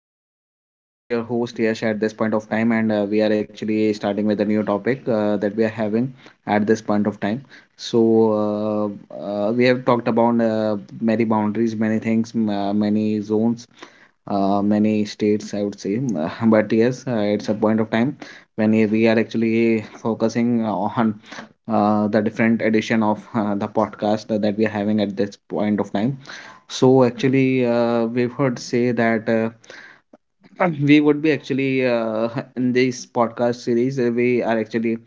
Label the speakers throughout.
Speaker 1: everyone. So this is your host Yash at this point of time, and we are actually starting with a new topic that we are having at this point of time. So we have talked about many boundaries, many things, many zones, many states. I would say, but yes, it's a point of time when we are actually focusing on the different edition of the podcast that we are having at this point of time. So actually, we've heard say that we would be actually in this podcast series. We are actually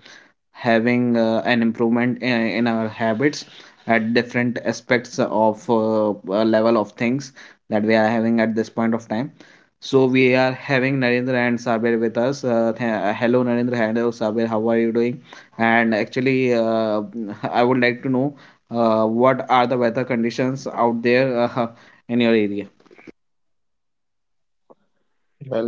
Speaker 1: having an improvement in our habits at different aspects of level of things that we are having at this point of time. So we are having Narendra and Sabir with us. Hello Narendra, hello Sabir, how are you doing? And actually, I would like to know, what are the weather conditions out there, in your area?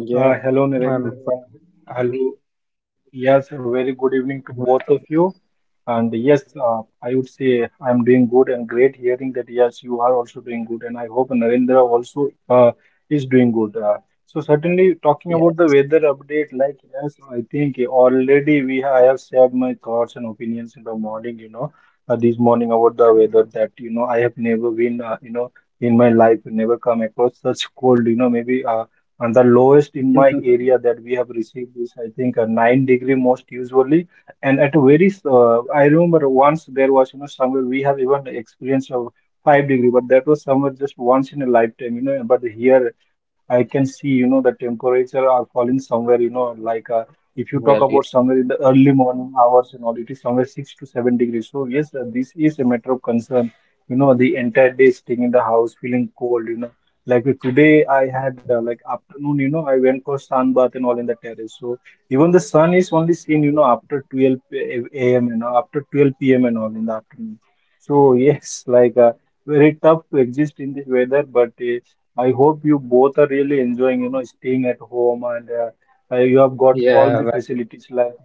Speaker 2: Well, yeah,
Speaker 3: Hello,
Speaker 2: I'm
Speaker 3: Narendra.
Speaker 2: fine.
Speaker 3: And Hello. Yes, a very good evening to both of you.
Speaker 2: Well,
Speaker 3: And yes, I would say I'm doing good and great hearing that yes, you are also doing good. And I hope Narendra also is doing good. So certainly talking about the
Speaker 2: yes.
Speaker 3: weather update, like yes, I think already we ha I have shared my thoughts and opinions in the morning, you know, this morning about the weather that, you know, I have never been, you know, in my life, never come across such cold, you know, maybe. And the lowest in my area that we have received is I think a 9-degree most usually. And at a very I remember once, there was, you know, somewhere we have even experienced of 5 degree, but that was somewhere just once in a lifetime, you know. But here I can see, you know, the temperature are falling somewhere, you know, like if you talk about
Speaker 2: Well,
Speaker 3: somewhere
Speaker 2: yeah.
Speaker 3: in the early morning hours and all, it is somewhere 6 to 7 degrees. So yes, this is a matter of concern, you know. The entire day staying in the house feeling cold, you know, like today, I had like
Speaker 2: Mm,
Speaker 3: afternoon, you know, I went for sun bath and all in the terrace. So even the sun is only seen, you know, after a.m. and all, after 12 p.m. and all in the afternoon. So yes, like. Very tough to exist in this weather, but I hope you both are really enjoying, you know, staying at home and you have got all the
Speaker 2: Yeah, well,
Speaker 3: facilities like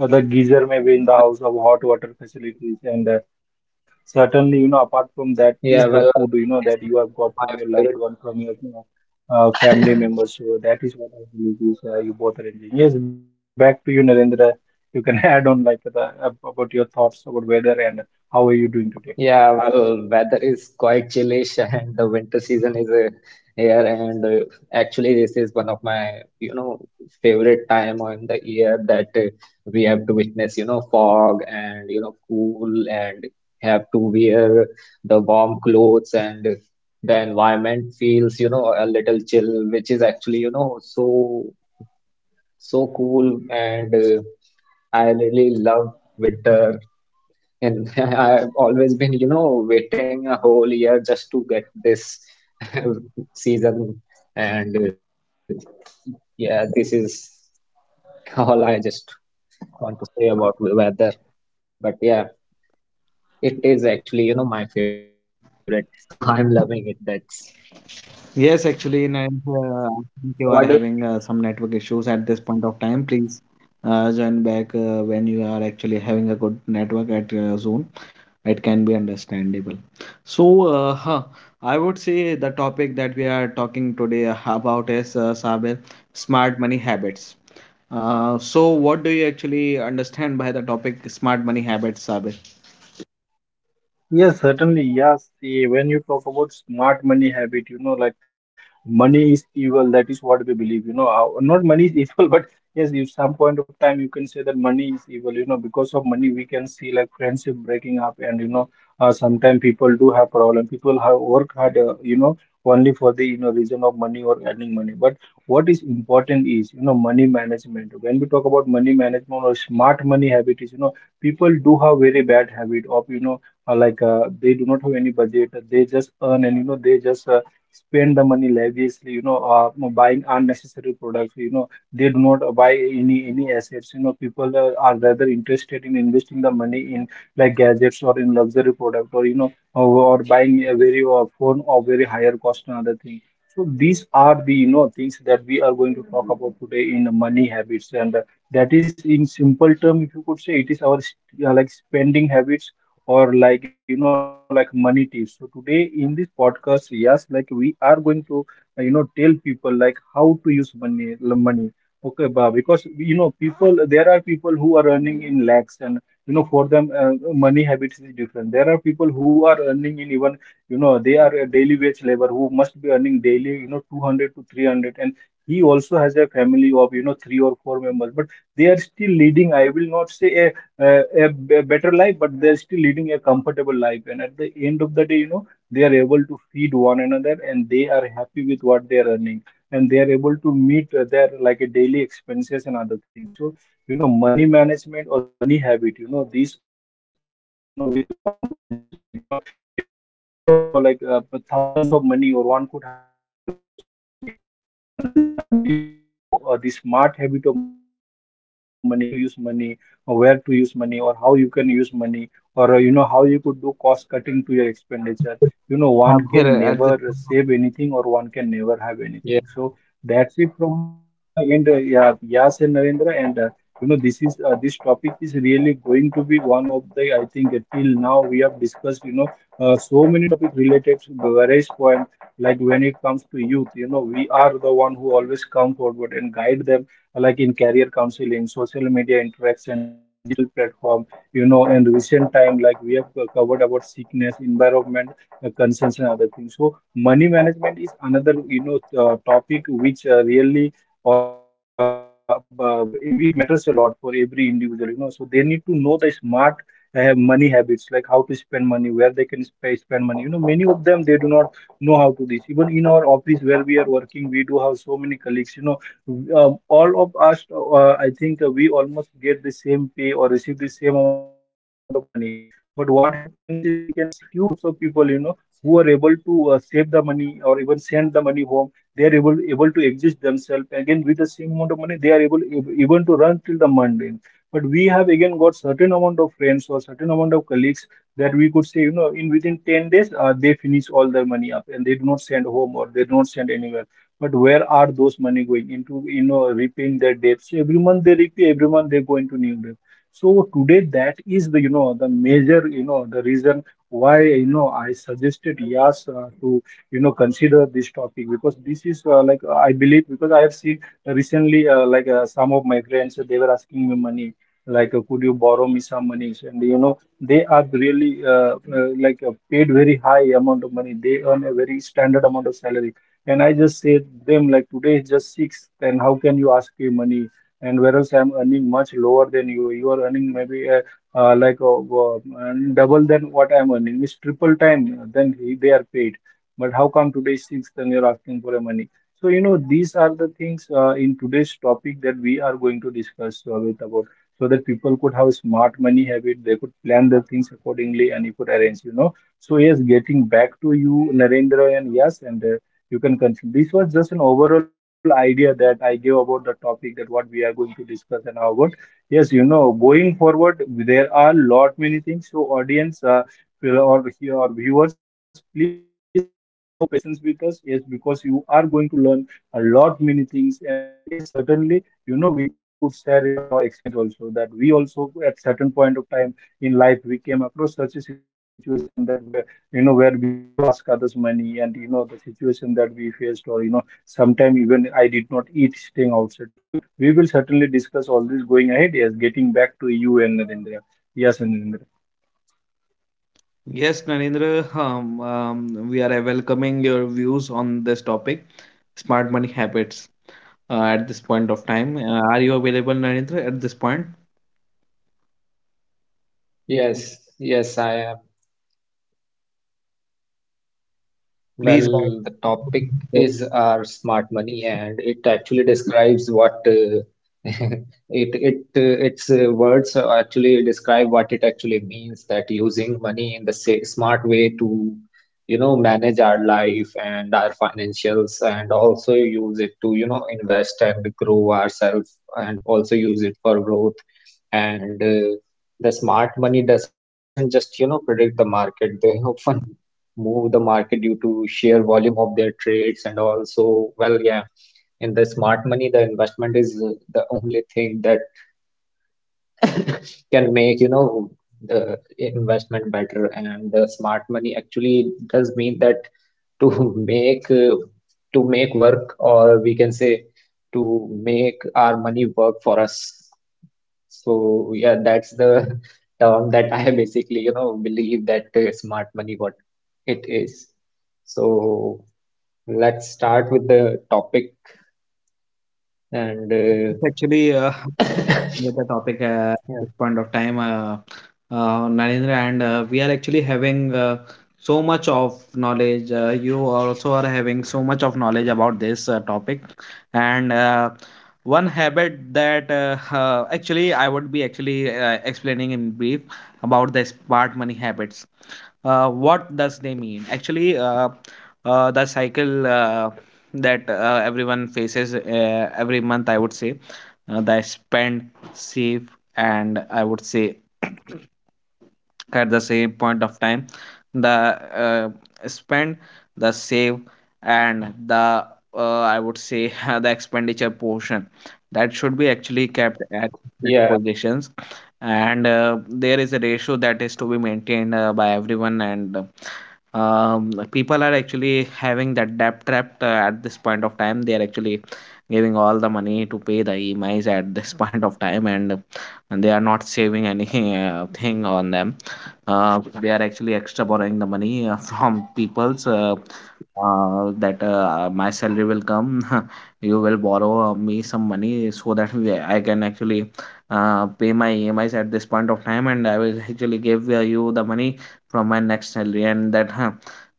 Speaker 3: the geyser maybe in the house
Speaker 2: well,
Speaker 3: of hot water facilities and Certainly, you know, apart from that is the
Speaker 2: yeah,
Speaker 3: food, you
Speaker 2: well,
Speaker 3: know, that
Speaker 2: this
Speaker 3: you have
Speaker 2: is
Speaker 3: got
Speaker 2: my
Speaker 3: from your loved
Speaker 2: favorite.
Speaker 3: one, from your family members. So that is what I believe is you both are enjoying. Yes, back to you, Narendra. You can add on like about your thoughts about weather and how are you doing today?
Speaker 2: Yeah, well, weather is quite chillish and the winter season is here and actually this is one of my, you know, favorite time on the year that we have to witness, you know, fog and, you know, cool and have to wear the warm clothes and the environment feels, you know, a little chill, which is actually, you know, so cool and I really love winter and I've always been, you know, waiting a whole year just to get this season. And yeah, this is all I just want to say about the weather. But yeah, it is actually, you know, my favorite. So I'm loving it. That's
Speaker 1: Yes, actually, in and I
Speaker 2: so what do you
Speaker 1: think
Speaker 2: think,
Speaker 1: you are
Speaker 2: Yash?
Speaker 1: having some network issues at this point of time. Please join back when you are actually having a good network at Zoom. It can be understandable. So, I would say the topic that we are talking today about is, Sabir, smart money habits. So, what do you actually understand by the topic smart money habits, Sabir?
Speaker 3: Yes, certainly. Yes. See, when you talk about smart money habit, you know, like money is evil. That is what we believe. You know, not money is evil, but yes, at some point of time, you can say that money is evil. You know, because of money, we can see like friendship breaking up, and you know, sometimes people do have problem. People have work hard, you know, only for the, you know, reason of money or earning money. But what is important is, you know, money management. When we talk about money management or smart money habit, is, you know, people do have very bad habit of, you know, they do not have any budget. They just earn and, you know, they just spend the money lavishly, you know, buying unnecessary products, you know. They do not buy any assets, you know. People are rather interested in investing the money in like gadgets or in luxury product or, you know, or buying a very phone of very higher cost and other thing. So these are the, you know, things that we are going to talk about today in money habits. And that is, in simple term, if you could say, it is our like spending habits or, like, you know, like money tips. So today in this podcast, yes, like we are going to you know, tell people like how to use money money. Okay, ba, because, you know, people, there are people who are earning in lakhs and, you know, for them money habits is different. There are people who are earning in even, you know, they are a daily wage labor who must be earning daily, you know, 200 to 300, and he also has a family of, you know, three or four members. But they are still leading, I will not say a a better life, but they're still leading a comfortable life. And at the end of the day, you know, they are able to feed one another and they are happy with what they are earning. And they are able to meet their like a daily expenses and other things. So, you know, money management or money habit, you know, these are the things, you know, which one must learn. You know, you one could have, you know, like thousands of money, or one could have, you know, lakhs of money. But unless and until you know the smart habit of money, how to use money, or where to use money, or how you can use money, or you know, how you could do cost cutting to your expenditure, you know, one can
Speaker 1: Sabir,
Speaker 3: never
Speaker 1: at
Speaker 3: save anything, or one can never have anything.
Speaker 2: Yeah,
Speaker 3: So that's it from my end. Yeah, Yas and Narendra. And you know, this is this topic is really going to be one of the, I think, till now we have discussed, you know, so many topics related to the various point, like when it comes to youth, you know, we are the one who always come forward and guide them, like in career counseling, social media interaction, digital platform. You know, in recent time, like we have covered about sickness, environment concerns, and other things. So money management is another, you know, topic which really or it matters a lot for every individual. You know, so they need to know the smart have money habits, like how to spend money, where they can spend money. You know, many of them, they do not know how to this. Even in our office where we are working, we do have so many colleagues, you know, all of us, I think we almost get the same pay or receive the same amount of money. But what happens is, we can see few groups of people, you know, who are able to save the money or even send the money home. They are able to exist themselves. Again, with the same amount of money, they are able even to run till the mundane. But we have again got certain amount of friends or certain amount of colleagues that we could say, you know, in within 10 days, they finish all their money up, and they do not send home or they do not send anywhere. But where are those money going into? You know, repaying their debts? So every month they repay, every month they go into new debt. So today that is the, you know, the major, you know, the reason why, you know, I suggested Yas to, you know, consider this topic, because this is I believe, because I have seen recently some of my friends, they were asking me money, like could you borrow me some money. And you know, they are really paid very high amount of money. They earn a very standard amount of salary. And I just said them like, today is just six, then how can you ask me money? And whereas I'm earning much lower than you, you are earning maybe double than what I'm earning. It's triple time. Then they are paid. But how come today is six, then you're asking for a money? So you know, these are the things in today's topic that we are going to discuss with about, so that people could have a smart money habit. They could plan their things accordingly, and you could arrange. You know. So yes, getting back to you, Narendra, and yes, and you can consume. This was just an overall idea that I gave about the topic, that what we are going to discuss and how about. Yes, you know, going forward, there are lot many things. So, audience or viewers, please have patience with us. Yes, because you are going to learn a lot many things. And yes, certainly, you know, we could share even our experience also, that we also at certain point of time in life we came across such a situation that where, you know, where we had to ask others money. And you know, the situation that we faced, or you know, sometime even I did not eat staying outside. So, you know, we will certainly discuss all this going ahead. Yes, getting back to you and Narendra. Yes, and Narendra.
Speaker 1: Yes, Narendra, we are welcoming your views on this topic, smart money habits, at this point of time. Are you available, Narendra, at this point?
Speaker 2: yes, yes, I am.
Speaker 1: Please.
Speaker 2: Well, the topic
Speaker 1: It's
Speaker 2: is our smart money, and it actually describes what it it its words actually describe what it actually means, that using money in the sa smart way to, you know, manage our life and our financials, and also use it to, you know, invest and grow ourselves, and also use it for growth and. The smart money doesn't just, you know, predict the market. They often move the market due to sheer volume of their trades and all. So, well, yeah, in the smart money, the investment is the only thing that can make, you know, the investment better. And the smart money actually does mean that to make to make work, or we can say to make our money work for us. So yeah, that's the term that I basically, you know, believe that smart money what it is. So let's start with the topic and
Speaker 1: actually with the topic, at
Speaker 2: yeah,
Speaker 1: this point of time, Narendra, and we are actually having so much of knowledge. You also are having so much of knowledge about this topic, and one habit that actually I would be actually explaining in brief about the smart money habits. What does they mean? Actually, the cycle that everyone faces every month, I would say, the spend, safe, and I would say at the same point of time, the spend, the save, and the I would say the expenditure portion that should be actually kept at
Speaker 2: yeah,
Speaker 1: different positions. And there is a ratio that is to be maintained by everyone, and people are actually having that debt trap at this point of time. They are actually giving all the money to pay the emis at this point of time, and they are not saving anything, thing on them. They are actually extra borrowing the money from people's, that my salary will come, you will borrow me some money so that I can actually pay my emis at this point of time, and I will actually give you the money from my next salary, and that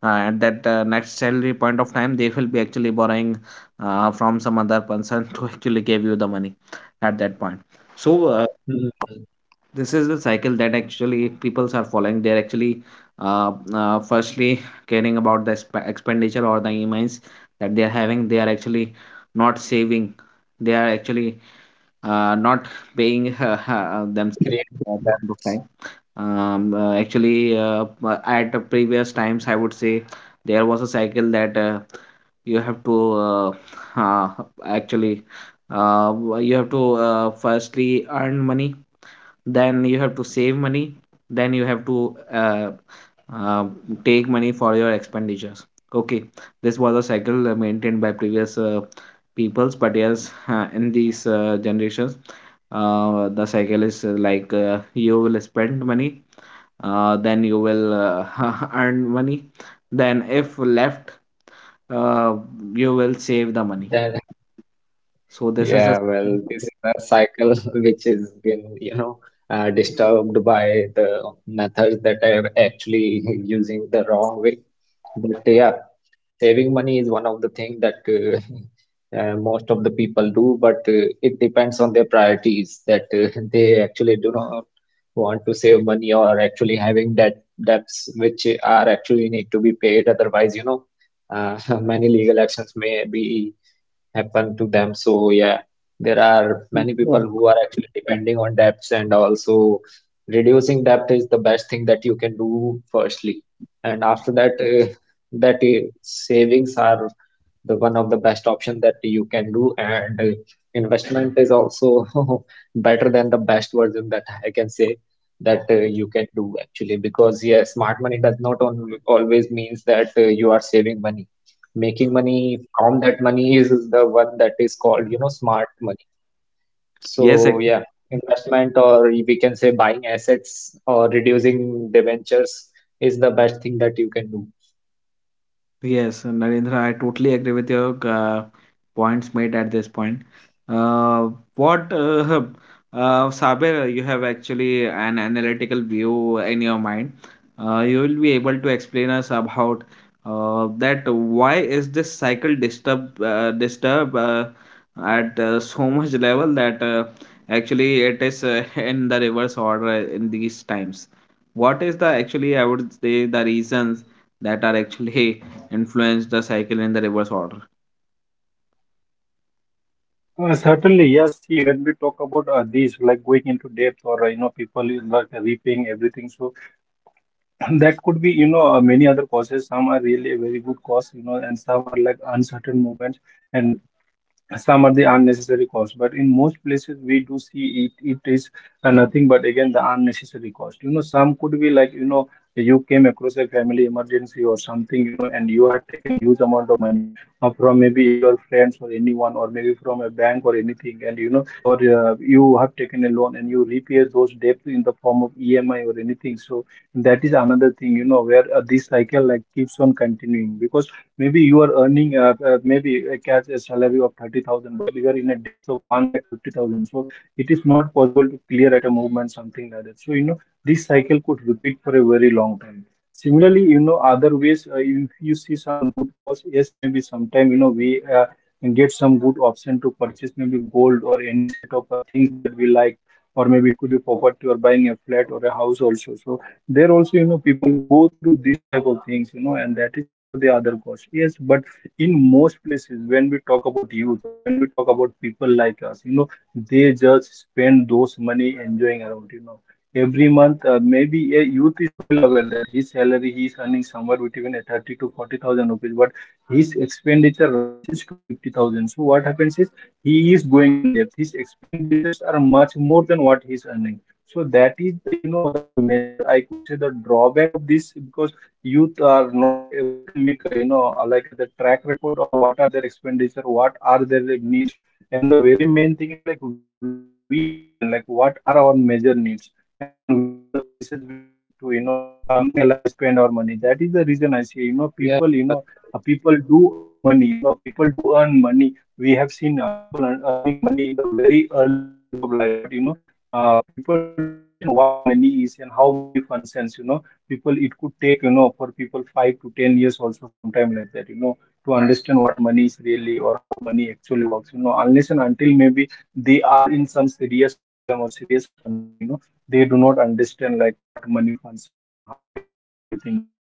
Speaker 1: at that next salary point of time they will be actually borrowing from some other person to actually give you the money at that point. So
Speaker 2: mm,
Speaker 1: this is the cycle that actually peoples are following. They're actually firstly caring about the expenditure or the emi's that they are having. They are actually not saving. They are actually not paying themselves
Speaker 2: creating
Speaker 1: at point of
Speaker 2: debts.
Speaker 1: time. Actually, at the previous times, I would say there was a cycle that you have to uh, actually, you have to firstly earn money, then you have to save money, then you have to uh, take money for your expenditures. Okay. This was a cycle maintained by previous peoples. But yes, in these generations, the cycle is, like, you will spend money, then you will earn money, then if left, uh, you will save the money.
Speaker 2: Then
Speaker 1: So this is a.
Speaker 2: yeah, well, this is the cycle which has been, you know, disturbed by the methods that are actually using the wrong way. But yeah, saving money is one of the thing that most of the people do, but it depends on their priorities that they actually do not want to save money or actually having debts which are actually need to be paid. Otherwise, you know, many legal actions may be happen to them. So yeah, there are many people who are actually depending on debts, and also reducing debt is the best thing that you can do firstly. And after that, savings are the one of the best option that you can do and investment is also better than the best version that I can say that you can do actually, because yeah, smart money does not always means that you are saving money. Making money from that money is the one that is called, you know, smart money.
Speaker 1: Yes.
Speaker 2: So yeah, investment, or we can say buying assets or reducing debentures, is the best thing that you can do.
Speaker 1: Yes, Narendra, I totally agree with your points made at this point. Uh, what, uh, Saber, you have actually an analytical view in your mind. You will be able to explain us about that why is this cycle disturb at so much level that actually it is in the reverse order in these times. What is the actually I would say the reasons that are actually influence the cycle in the reverse order.
Speaker 3: Certainly, yes. See, when we talk about this, like going into depth or, you know, people is like repaying everything. So that could be, you know, many other causes. Some are really a very good cause, you know, and some are like uncertain movements. And some are the unnecessary cost, but in most places we do see it it is nothing but again the unnecessary cost, you know. Some could be like, you know, you came across a family emergency or something, you know, and you had taken huge amount of money from maybe your friends or anyone, or maybe from a bank or anything. And you know, or you have taken a loan and you repay those debts in the form of emi or anything. So that is another thing, you know, where this cycle like keeps on continuing, because maybe you are earning maybe a cash, a salary of 30,000, but you are in a depth of one lakh 50,000. So it is not possible to clear at a movement something like that. So, you know, this cycle could repeat for a very long time. Similarly, you know, other ways, if you see some good cause, yes, maybe sometime, you know, we can get some good option to purchase maybe gold or any set of things that we like, or maybe it could be property or buying a flat or a house also. So there also, you know, people go through these type of things, you know, and that is also the other cost, yes. But in most places, when we talk about youth, or when we talk about people like us, you know, they just spend those money enjoying around, you know. Every month, maybe a youth is well aware that his salary, he is earning somewhere between a 30 to 40 thousand rupees, but his expenditure rises to 50 thousand. So what happens is, he is going in depth, his expenditures are much more than what he is earning. So that is the, you know, the major, I could say, the drawback of this, because youth are not able to make, you know, the track record of what are their expenditure, what are their, like, needs. And the very main thing is, like, we need to understand, like, what are our major needs, and which are the places we need to, you know, like, to spend our money. That is the reason I say, you know,
Speaker 2: Yeah, well,
Speaker 3: people do earn money, you know, people do earn money. We have seen uh, earning money in the very early stage of life. But, you know, people, to understand what money is and how money functions, you know, people, it could take, you know, for people 5 to 10 years also sometime, like that, you know, to understand what money is really, or how money actually works, you know. Unless and until maybe they are in some serious problem or serious concern, you know, they do not understand, like, what money functions and how everything goes on. So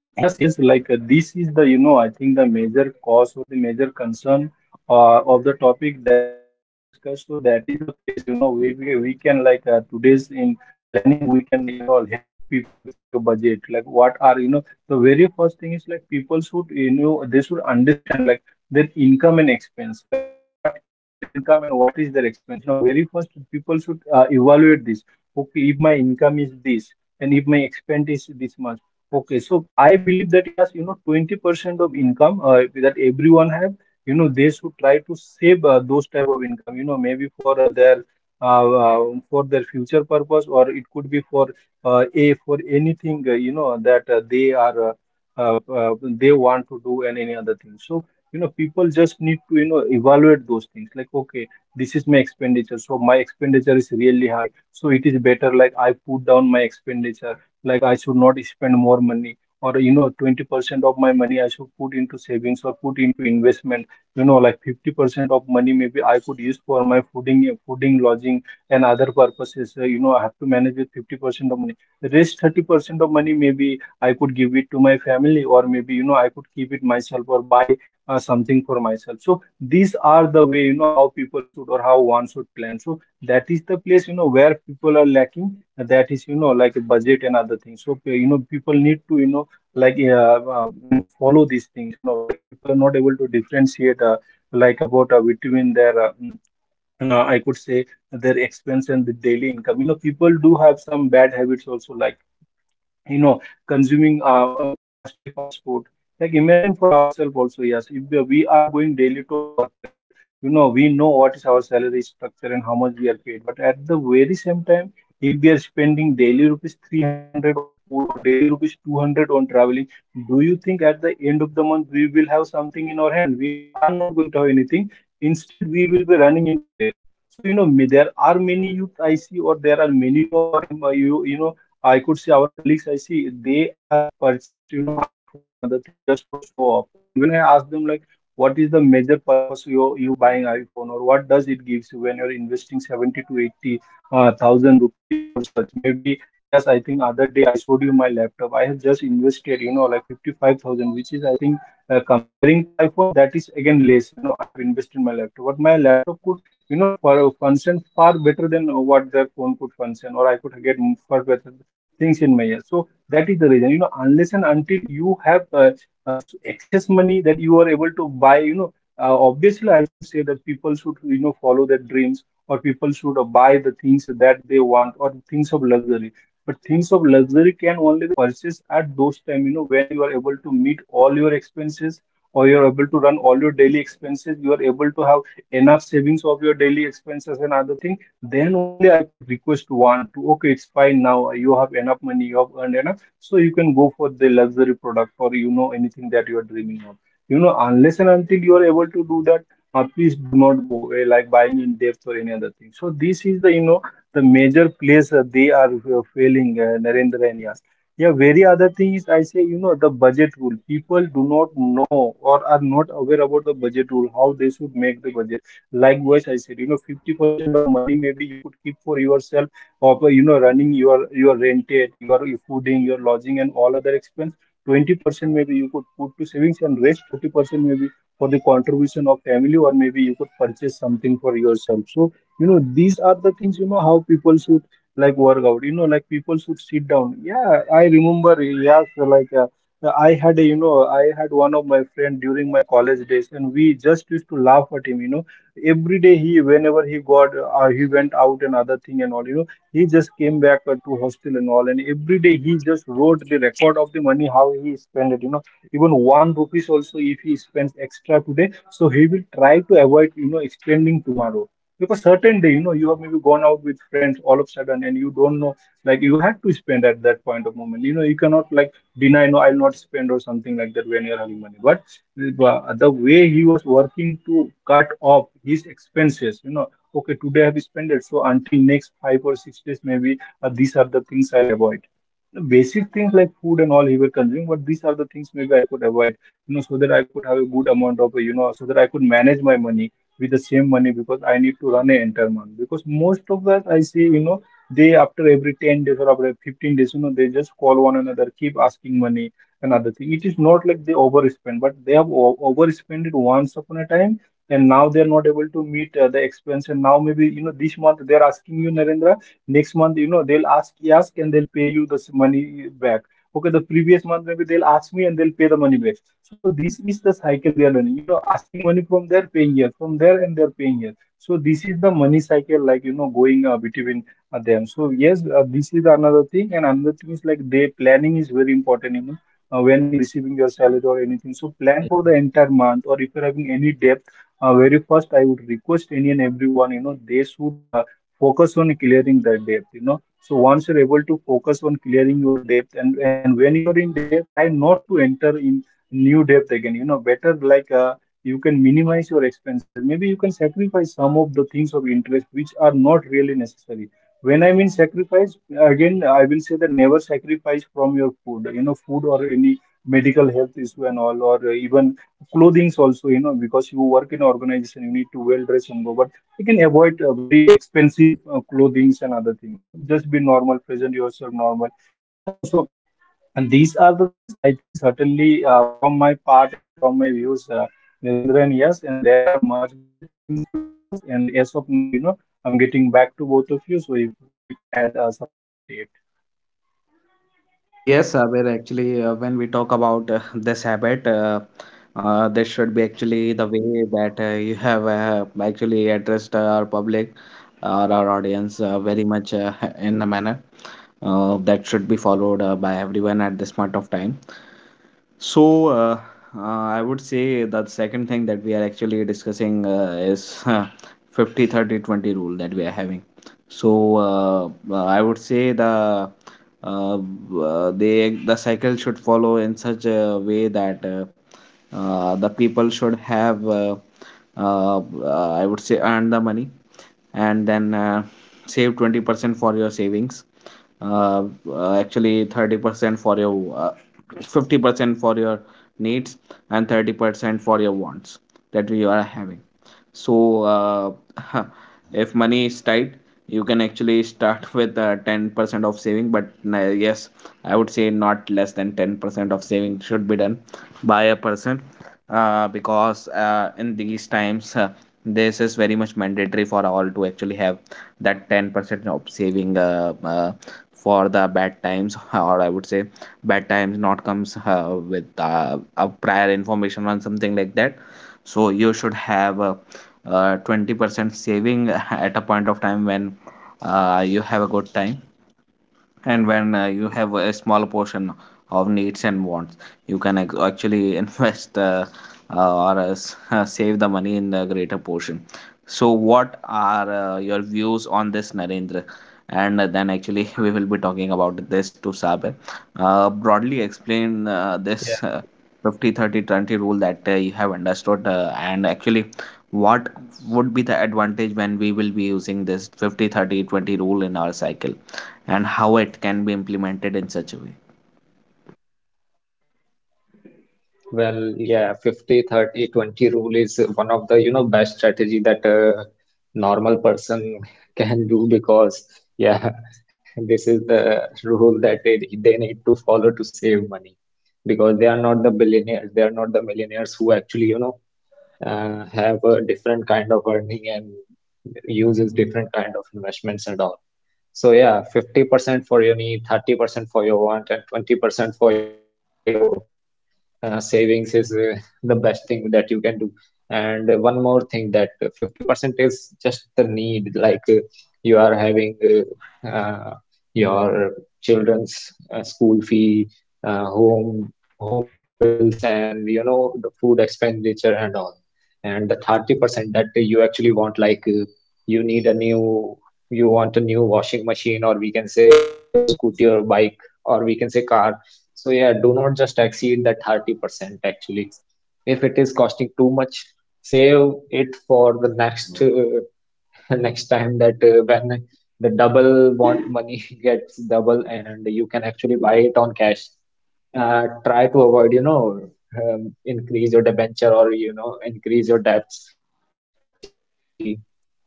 Speaker 3: yes, yes, like, this is the, you know, I think the major cause or the major concern of the topic that are to be discussed. So that is the place, you know, we can, like, today's in planning, we can, you know, help people with, like, a budget, like what are, you know. The very first thing is, like, people should, you know, they should understand, like, their income and expense, like what is their income and what is their expense. You know, very first, people should evaluate this. Okay, if my income is this, and if my expense is this much. Okay, so I believe that yes, you know, 20% of income that everyone have, you know, they should try to save those type of income, you know, maybe for their uh, uh, for their future purpose, or it could be for a for anything, you know, that they are they want to do, and any other thing. So, you know, people just need to, you know, evaluate those things. Like, okay, this is my expenditure, so my expenditure is really high, so it is better, like, I put down my expenditure, like I should not spend more money. Or, you know, 20% of my money I should put into savings or put into investment, you know. Like, 50% of money maybe I could use for my fooding, lodging and other purposes. You know, I have to manage with 50% of money. The rest 30% of money maybe I could give it to my family, or maybe, you know, I could keep it myself or buy something for myself. So these are the way, you know, how people should, or how one should plan. So that is the place, you know, where people are lacking. That is, you know, like a budget and other things. So, you know, people need to, you know, follow these things, you know. Like, people are not able to differentiate like about between their I could say their expense and the daily income, you know. People do have some bad habits also, like, you know, consuming costly fast food. Like, imagine for ourselves also, yes. If we are going daily to our workplace, but you know, we know what is our salary structure and how much we are paid. But at the very same time, if we are spending daily rupees 300 on food, or daily rupees 200 on traveling, do you think at the end of the month we will have something in our hand? We are not going to have anything. Instead, we will be running into debt. So, you know, there are many youth I see, or there are many of our you know, I could see our colleagues. I see they have purchased, you know, iPhone and other things just for show off. And when I ask them, like, what is the major purpose you buying iPhone, or what does it gives you when you're investing 70 to 80 thousand rupees for such? Maybe yes, I think other day I showed you my laptop. I have just invested, you know, like 55,000, which is, I think, comparing to iPhone, that is again less. You know, I have invested in my laptop, but my laptop could, you know, for function far better than what their phone could function, or I could get far better things in my ear. So that is the reason, you know, unless and until you have excess money that you are able to buy, you know, obviously I should say that people should, you know, follow their dreams, or people should buy the things that they want or things of luxury. But things of luxury can only be purchased at those time, you know, when you are able to meet all your expenses, or you're able to run all your daily expenses, you are able to have enough savings of your daily expenses and other things. Then only I could request one to, okay, it's fine now. You have enough money, you have earned enough, so you can go for the luxury product, or you know, anything that you are dreaming of. You know, unless and until you are able to do that, please do not go like buying in depth or any other thing. So this is the, you know, the major place they are failing, Narendra and Yas. Yeah, very other thing is, I say, you know, the budget rule. People do not know or are not aware about the budget rule, how they should make the budget. Likewise, I said, you know, 50% of money maybe you could keep for yourself, of, you know, running your rented, your fooding, your lodging and all other expense. 20% maybe you could put to savings, and rest 30% maybe for the contribution of family, or maybe you could purchase something for yourself. So, you know, these are the things, you know, how people should like work out, you know. Like, people should sit down. Yeah, I remember, yes, like, I had a, I had one of my friend during my college days, and we just used to laugh at him, you know every day he whenever he got he went out and other thing and all you know he just came back to hostel and all, and every day he just wrote the record of the money how he spent it. Even one rupees also if he spends extra today, so he will try to avoid you know spending tomorrow, because certain day you know you have maybe gone out with friends all of a sudden and you don't know, like you had to spend at that point of moment you know. You cannot like deny, no I'll not spend or something like that when you're having money. But the way he was working to cut off his expenses, you know, okay today I have spent it, so until next 5 or 6 days maybe these are the things I'll avoid. The basic things like food and all he were consuming, but these are the things maybe I could avoid you know, so that I could have a good amount of you know, so that I could manage my money with the same money, because I need to run an entire month. Because most of us I see you know, they after every 10 days or after 15 days you know, they just call one another keep asking money. Another thing, it is not like they overspend, but they have overspent it once upon a time, and now they are not able to meet the expense, and now maybe you know this month they are asking you, Narendra, next month you know they'll ask ask and they'll pay you this money back. Okay, the previous month maybe they'll ask me and they'll pay the money back. So this is the cycle they are learning, you know, asking money from there, paying here, from there and they're paying here. So this is the money cycle, like you know, going between them. So yes, this is another thing. And another thing is, like, day planning is very important you know. Uh, when you are receiving your salary or anything, so
Speaker 2: mm,
Speaker 3: plan for the entire month, or if you're having any debt, very first I would request any and everyone, you know, they should focus on clearing their debt you know. So once you're able to focus on clearing your debt, and when you are in debt, try not to enter in new debt again you know. Better like you can minimize your expenses, maybe you can sacrifice some of the things of interest which are not really necessary. When I mean sacrifice, again I will say that never sacrifice from your food you know, food or any medical health issue and all, or even clothings also you know, because you work in organization you need to well dress and go. But you can avoid very expensive clothings and other things. So just be normal, present yourself normal, you know. So and these are the things I think certainly from my part and from my views, Narendran, yes, and there are much more things to discuss. And as of now, you know, I'm getting back to both of you, so if you can add something onto it.
Speaker 1: Yes, Sabir, actually, when we talk about this habit, this should be actually the way that you have actually addressed our public or our audience very much in a manner that should be followed by everyone at this point of time. So, I would say that second thing that we are actually discussing is, 50/30/20 rule that we are having. So, I would say the the cycle should follow in such a way that the people should have I would say, earn the money, and then save 20% for your savings, uh, actually 30% for your 50% for your needs, and 30% for your wants that you are having. So uh, if money is tight, you can actually start with 10% of saving. But uh, yes, I would say not less than 10% of saving should be done by a person. Because in these times, this is very much mandatory for all to actually have that 10% of saving for the bad times. Or I would say, bad times not comes with a prior information on something like that. So you should have a, 20% saving at a point of time when you have a good time, and when you have a small portion of needs and wants, you can actually invest, save the money in the greater portion. So what are your views on this, Narendra? And then actually we will be talking about this to Sabir. Broadly explain this
Speaker 2: yeah.
Speaker 1: 50/30/20 rule that you have understood, and actually what would be the advantage when we will be using this 50/30/20 rule in our cycle, and how it can be implemented in such a way.
Speaker 2: Well, yeah, 50, 30, 20 rule is one of the, you know, best strategy that a normal person can do because, yeah, this is the rule that they need to follow to save money, because they are not the billionaires. They are not the millionaires who actually, you know, have a different kind of earning and uses different kind of investments and all. So yeah, 50% for your need, 30% for your want, and 20% for your savings is the best thing that you can do, and one more thing that 50% is just the need, like you are having uh, uh, your children's school fee, uh, home home bills and, you know, the food expenditure and all, and the 30% that you actually want, like you need a new you want a new washing machine, or we can say new scooty or bike, or we can say car. So yeah, do not just exceed that 30% actually. If it is costing too much, save it for the next next time that when the double want money gets double and you can actually buy it on cash. Try to avoid, you know, increase your debenture or, you know, increase your debts, which is actually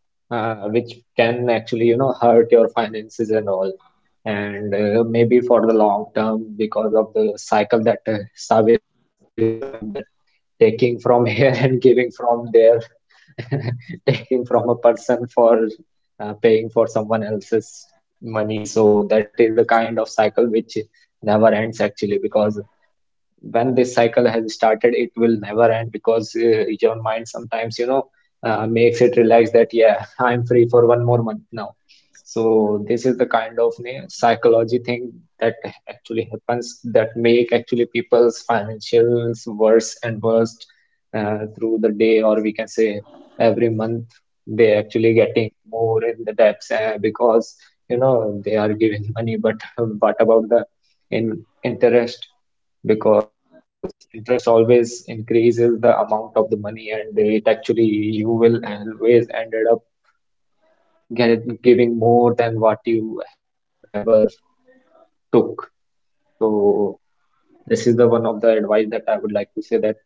Speaker 2: which can actually, you know, hurt your finances and all, and maybe for the long term, because of the cycle that Sabir has just described, that taking from here and giving from there, taking from a person for paying for someone else's money. So that is the kind of cycle which never ends actually, because when this cycle has started, it will never end, because your mind sometimes, you know, makes it relax that, yeah, I'm free for one more month now. So this is the kind of psychology thing that actually happens that make actually people's financials worse and worst, through the day, or we can say every month they actually getting more in the debts because, you know, they are giving money, but what about the in interest? Because interest always increases the amount of the money, and it actually you will always ended up giving more than what you have ever took. So this is the one of the advice that I would like to say, that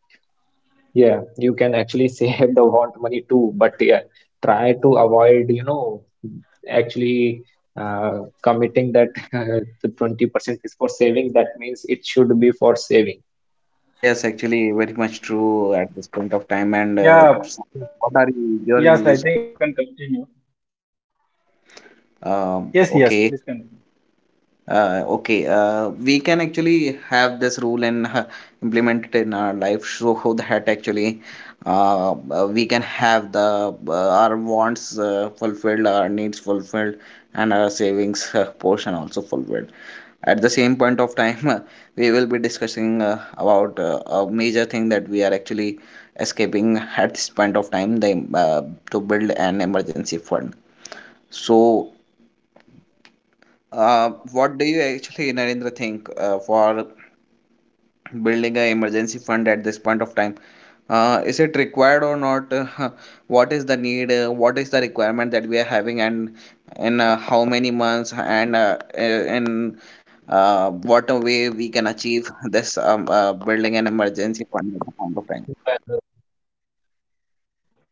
Speaker 2: yeah, you can actually save the want money too, but yeah, try to avoid, you know, actually committing that the 20% is for saving, that means it should be for saving.
Speaker 1: Yes, actually, very much true at this point of time.
Speaker 2: So
Speaker 1: And
Speaker 3: Yeah,
Speaker 1: so what are your
Speaker 3: yes, I
Speaker 1: views?
Speaker 3: think you can continue.
Speaker 1: Um,
Speaker 3: Yes, yes, please
Speaker 1: okay,
Speaker 3: continue.
Speaker 1: okay. We can actually have this rule and implement it in our life, so that actually we can have the our wants fulfilled, our needs fulfilled, and our savings portion also fulfilled. At the same point of time, we will be discussing about a major thing that we are actually escaping at this point of time: to build an emergency fund. So what do you actually, Narendra, think for building a emergency fund at this point of time? Is it required or not? What is the need, what is the requirement that we are having? And in how many months, and in what a way we can achieve this building an emergency fund at the point of time?
Speaker 2: well,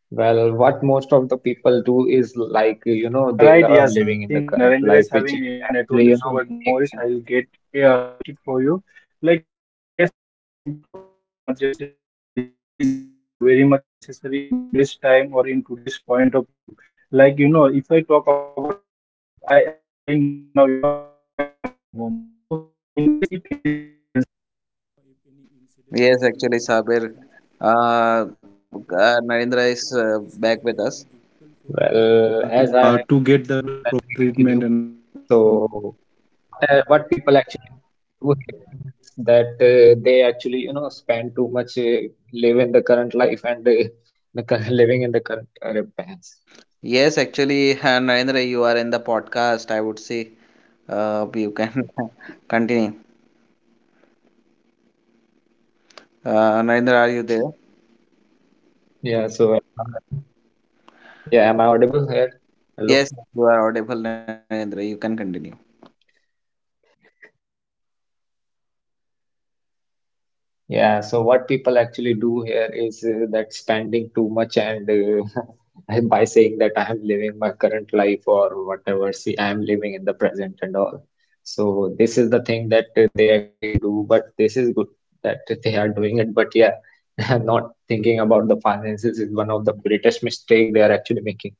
Speaker 2: Well, what most of the people do is like, you
Speaker 3: All
Speaker 2: know,
Speaker 3: right,
Speaker 2: they
Speaker 3: yes,
Speaker 2: love
Speaker 3: I
Speaker 2: living
Speaker 3: think
Speaker 2: in the current
Speaker 3: Narendra is
Speaker 2: life,
Speaker 3: having
Speaker 2: which
Speaker 3: you know network
Speaker 2: actually,
Speaker 3: issue,
Speaker 2: you
Speaker 3: but
Speaker 2: know,
Speaker 3: no worries,
Speaker 2: make them,
Speaker 3: I'll get it for you. Like yes, yes, when we talk about emergency fund, this is you know very much necessary in today's time or in today's point of view. Like you know, if I talk about myself, I am staying right now you know away from my home. So in case if anything happens.
Speaker 1: Yes, actually, Sabir, uh, Narendra is back with us.
Speaker 2: well, as I, let me continue. So, what people actually do here is that they actually, you know, spend too much, live in the current life and living in the current past.
Speaker 1: Yes, actually, Narendra, you are in the podcast, I would say. You can continue. Narendra, are you there?
Speaker 2: Yeah, so am I audible? Yeah, am I audible here? Hello?
Speaker 1: Yes, you are audible, Narendra. You can continue.
Speaker 2: Yeah, so what people actually do here is that spending too much and by saying that I am living my current life or whatever, see, I am living in the present and all. So this is the thing that they actually do, but this is good that they are doing it. But yeah, not thinking about the finances is one of the greatest mistake they are actually making.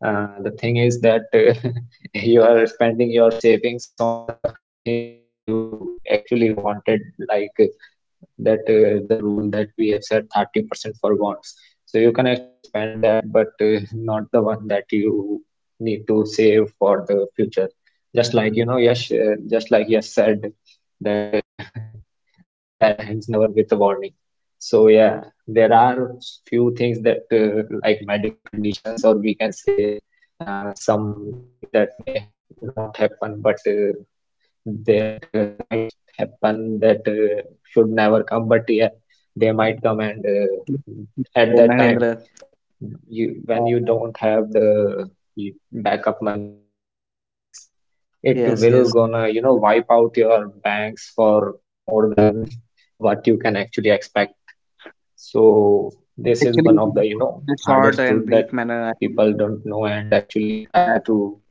Speaker 2: The thing is that you are spending your savings on the things that you actually wanted, like that the rule that we have set 30% for bonds. So you can actually spend that, but not the one that you need to save for the future. Just like, you know, yes, just like yes said that bad times never come with a warning. So yeah, there are few things that like medical conditions, or we can say something that may not happen, but that might happen, that should never come, but yeah, they might come and at
Speaker 1: So,
Speaker 2: that time,
Speaker 1: Narendra, uh,
Speaker 2: you when you don't have the backup money, or we can say savings,
Speaker 1: yes,
Speaker 2: it
Speaker 1: yes.
Speaker 2: will gonna, you know, wipe out your banks for more than what you can actually expect. So
Speaker 1: Actually,
Speaker 2: this is one of the,
Speaker 1: in a
Speaker 2: you know,
Speaker 1: short and
Speaker 2: hardest
Speaker 1: brief
Speaker 2: truth
Speaker 1: manner, I
Speaker 2: that
Speaker 1: think
Speaker 2: people don't know and actually
Speaker 1: that,
Speaker 2: try to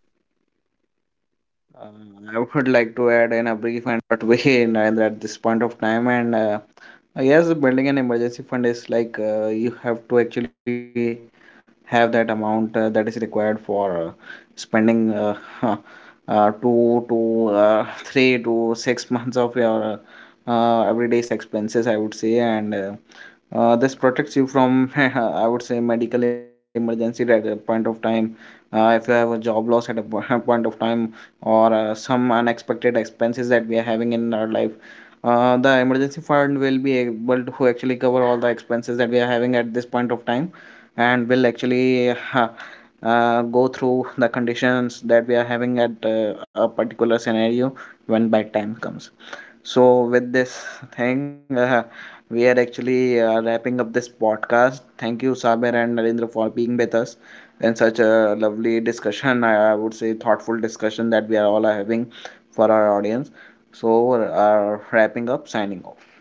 Speaker 2: avoid it. And
Speaker 1: uh, I would like to
Speaker 2: there
Speaker 1: add
Speaker 2: are
Speaker 1: in a
Speaker 2: also
Speaker 1: brief
Speaker 2: many
Speaker 1: and
Speaker 2: things
Speaker 1: short
Speaker 2: that
Speaker 1: way,
Speaker 2: may you
Speaker 1: Narendra, at
Speaker 2: can
Speaker 1: this
Speaker 2: do,
Speaker 1: point of
Speaker 2: like,
Speaker 1: time.
Speaker 2: you know,
Speaker 1: And
Speaker 2: insurance and all,
Speaker 1: yes, building
Speaker 2: that
Speaker 1: an
Speaker 2: also,
Speaker 1: emergency
Speaker 2: you know,
Speaker 1: fund is
Speaker 2: saves
Speaker 1: like,
Speaker 2: our
Speaker 1: you have
Speaker 2: savings
Speaker 1: to
Speaker 2: too,
Speaker 1: actually
Speaker 2: because, you
Speaker 1: have that
Speaker 2: know,
Speaker 1: amount
Speaker 2: a
Speaker 1: that is
Speaker 2: little
Speaker 1: required
Speaker 2: amount of
Speaker 1: for
Speaker 2: monthly premium doesn't hurt
Speaker 1: spending
Speaker 2: that much, but
Speaker 1: two to
Speaker 2: if you spend the
Speaker 1: three
Speaker 2: whole
Speaker 1: to
Speaker 2: amount at
Speaker 1: six
Speaker 2: the
Speaker 1: months
Speaker 2: once
Speaker 1: of your
Speaker 2: will actually hurt your pocket.
Speaker 1: everyday's expenses, I would say.
Speaker 2: So
Speaker 1: And
Speaker 2: yeah, insurance also
Speaker 1: this
Speaker 2: helps,
Speaker 1: protects
Speaker 2: and
Speaker 1: you
Speaker 2: uh,
Speaker 1: from I would say medical
Speaker 2: people actually
Speaker 1: emergency
Speaker 2: should
Speaker 1: at a
Speaker 2: do
Speaker 1: point of
Speaker 2: few of
Speaker 1: time,
Speaker 2: the things
Speaker 1: if
Speaker 2: that
Speaker 1: you have a
Speaker 2: might,
Speaker 1: job
Speaker 2: you
Speaker 1: loss at a
Speaker 2: know,
Speaker 1: point of time,
Speaker 2: take them, or
Speaker 1: or
Speaker 2: we can say
Speaker 1: some
Speaker 2: exhaust
Speaker 1: unexpected
Speaker 2: their
Speaker 1: expenses
Speaker 2: pockets
Speaker 1: that
Speaker 2: and
Speaker 1: we are
Speaker 2: all.
Speaker 1: having in our life.
Speaker 2: So
Speaker 1: The
Speaker 2: insurance
Speaker 1: emergency
Speaker 2: may
Speaker 1: fund
Speaker 2: help
Speaker 1: will be
Speaker 2: it,
Speaker 1: able
Speaker 2: and
Speaker 1: to actually
Speaker 2: uh,
Speaker 1: cover all the expenses
Speaker 2: savings
Speaker 1: that we are
Speaker 2: doesn't
Speaker 1: having at
Speaker 2: hurt
Speaker 1: this
Speaker 2: that
Speaker 1: point of
Speaker 2: much,
Speaker 1: time,
Speaker 2: that
Speaker 1: and
Speaker 2: they
Speaker 1: will
Speaker 2: should be
Speaker 1: actually
Speaker 2: from the, you know,
Speaker 1: go
Speaker 2: the
Speaker 1: through
Speaker 2: hard
Speaker 1: the
Speaker 2: times, or we
Speaker 1: conditions
Speaker 2: can
Speaker 1: that we are
Speaker 2: say
Speaker 1: having at a
Speaker 2: where
Speaker 1: particular
Speaker 2: we need
Speaker 1: scenario
Speaker 2: to, you know,
Speaker 1: when bad
Speaker 2: spend,
Speaker 1: time
Speaker 2: or we
Speaker 1: comes.
Speaker 2: can say save.
Speaker 1: So, with this thing, we are actually wrapping up this podcast. Thank you, Saber and Narendra, for being with us
Speaker 2: Yo,
Speaker 1: in such
Speaker 2: yes.
Speaker 1: a lovely discussion. I would say thoughtful discussion that we are all are having for our audience. So, wrapping up, signing off.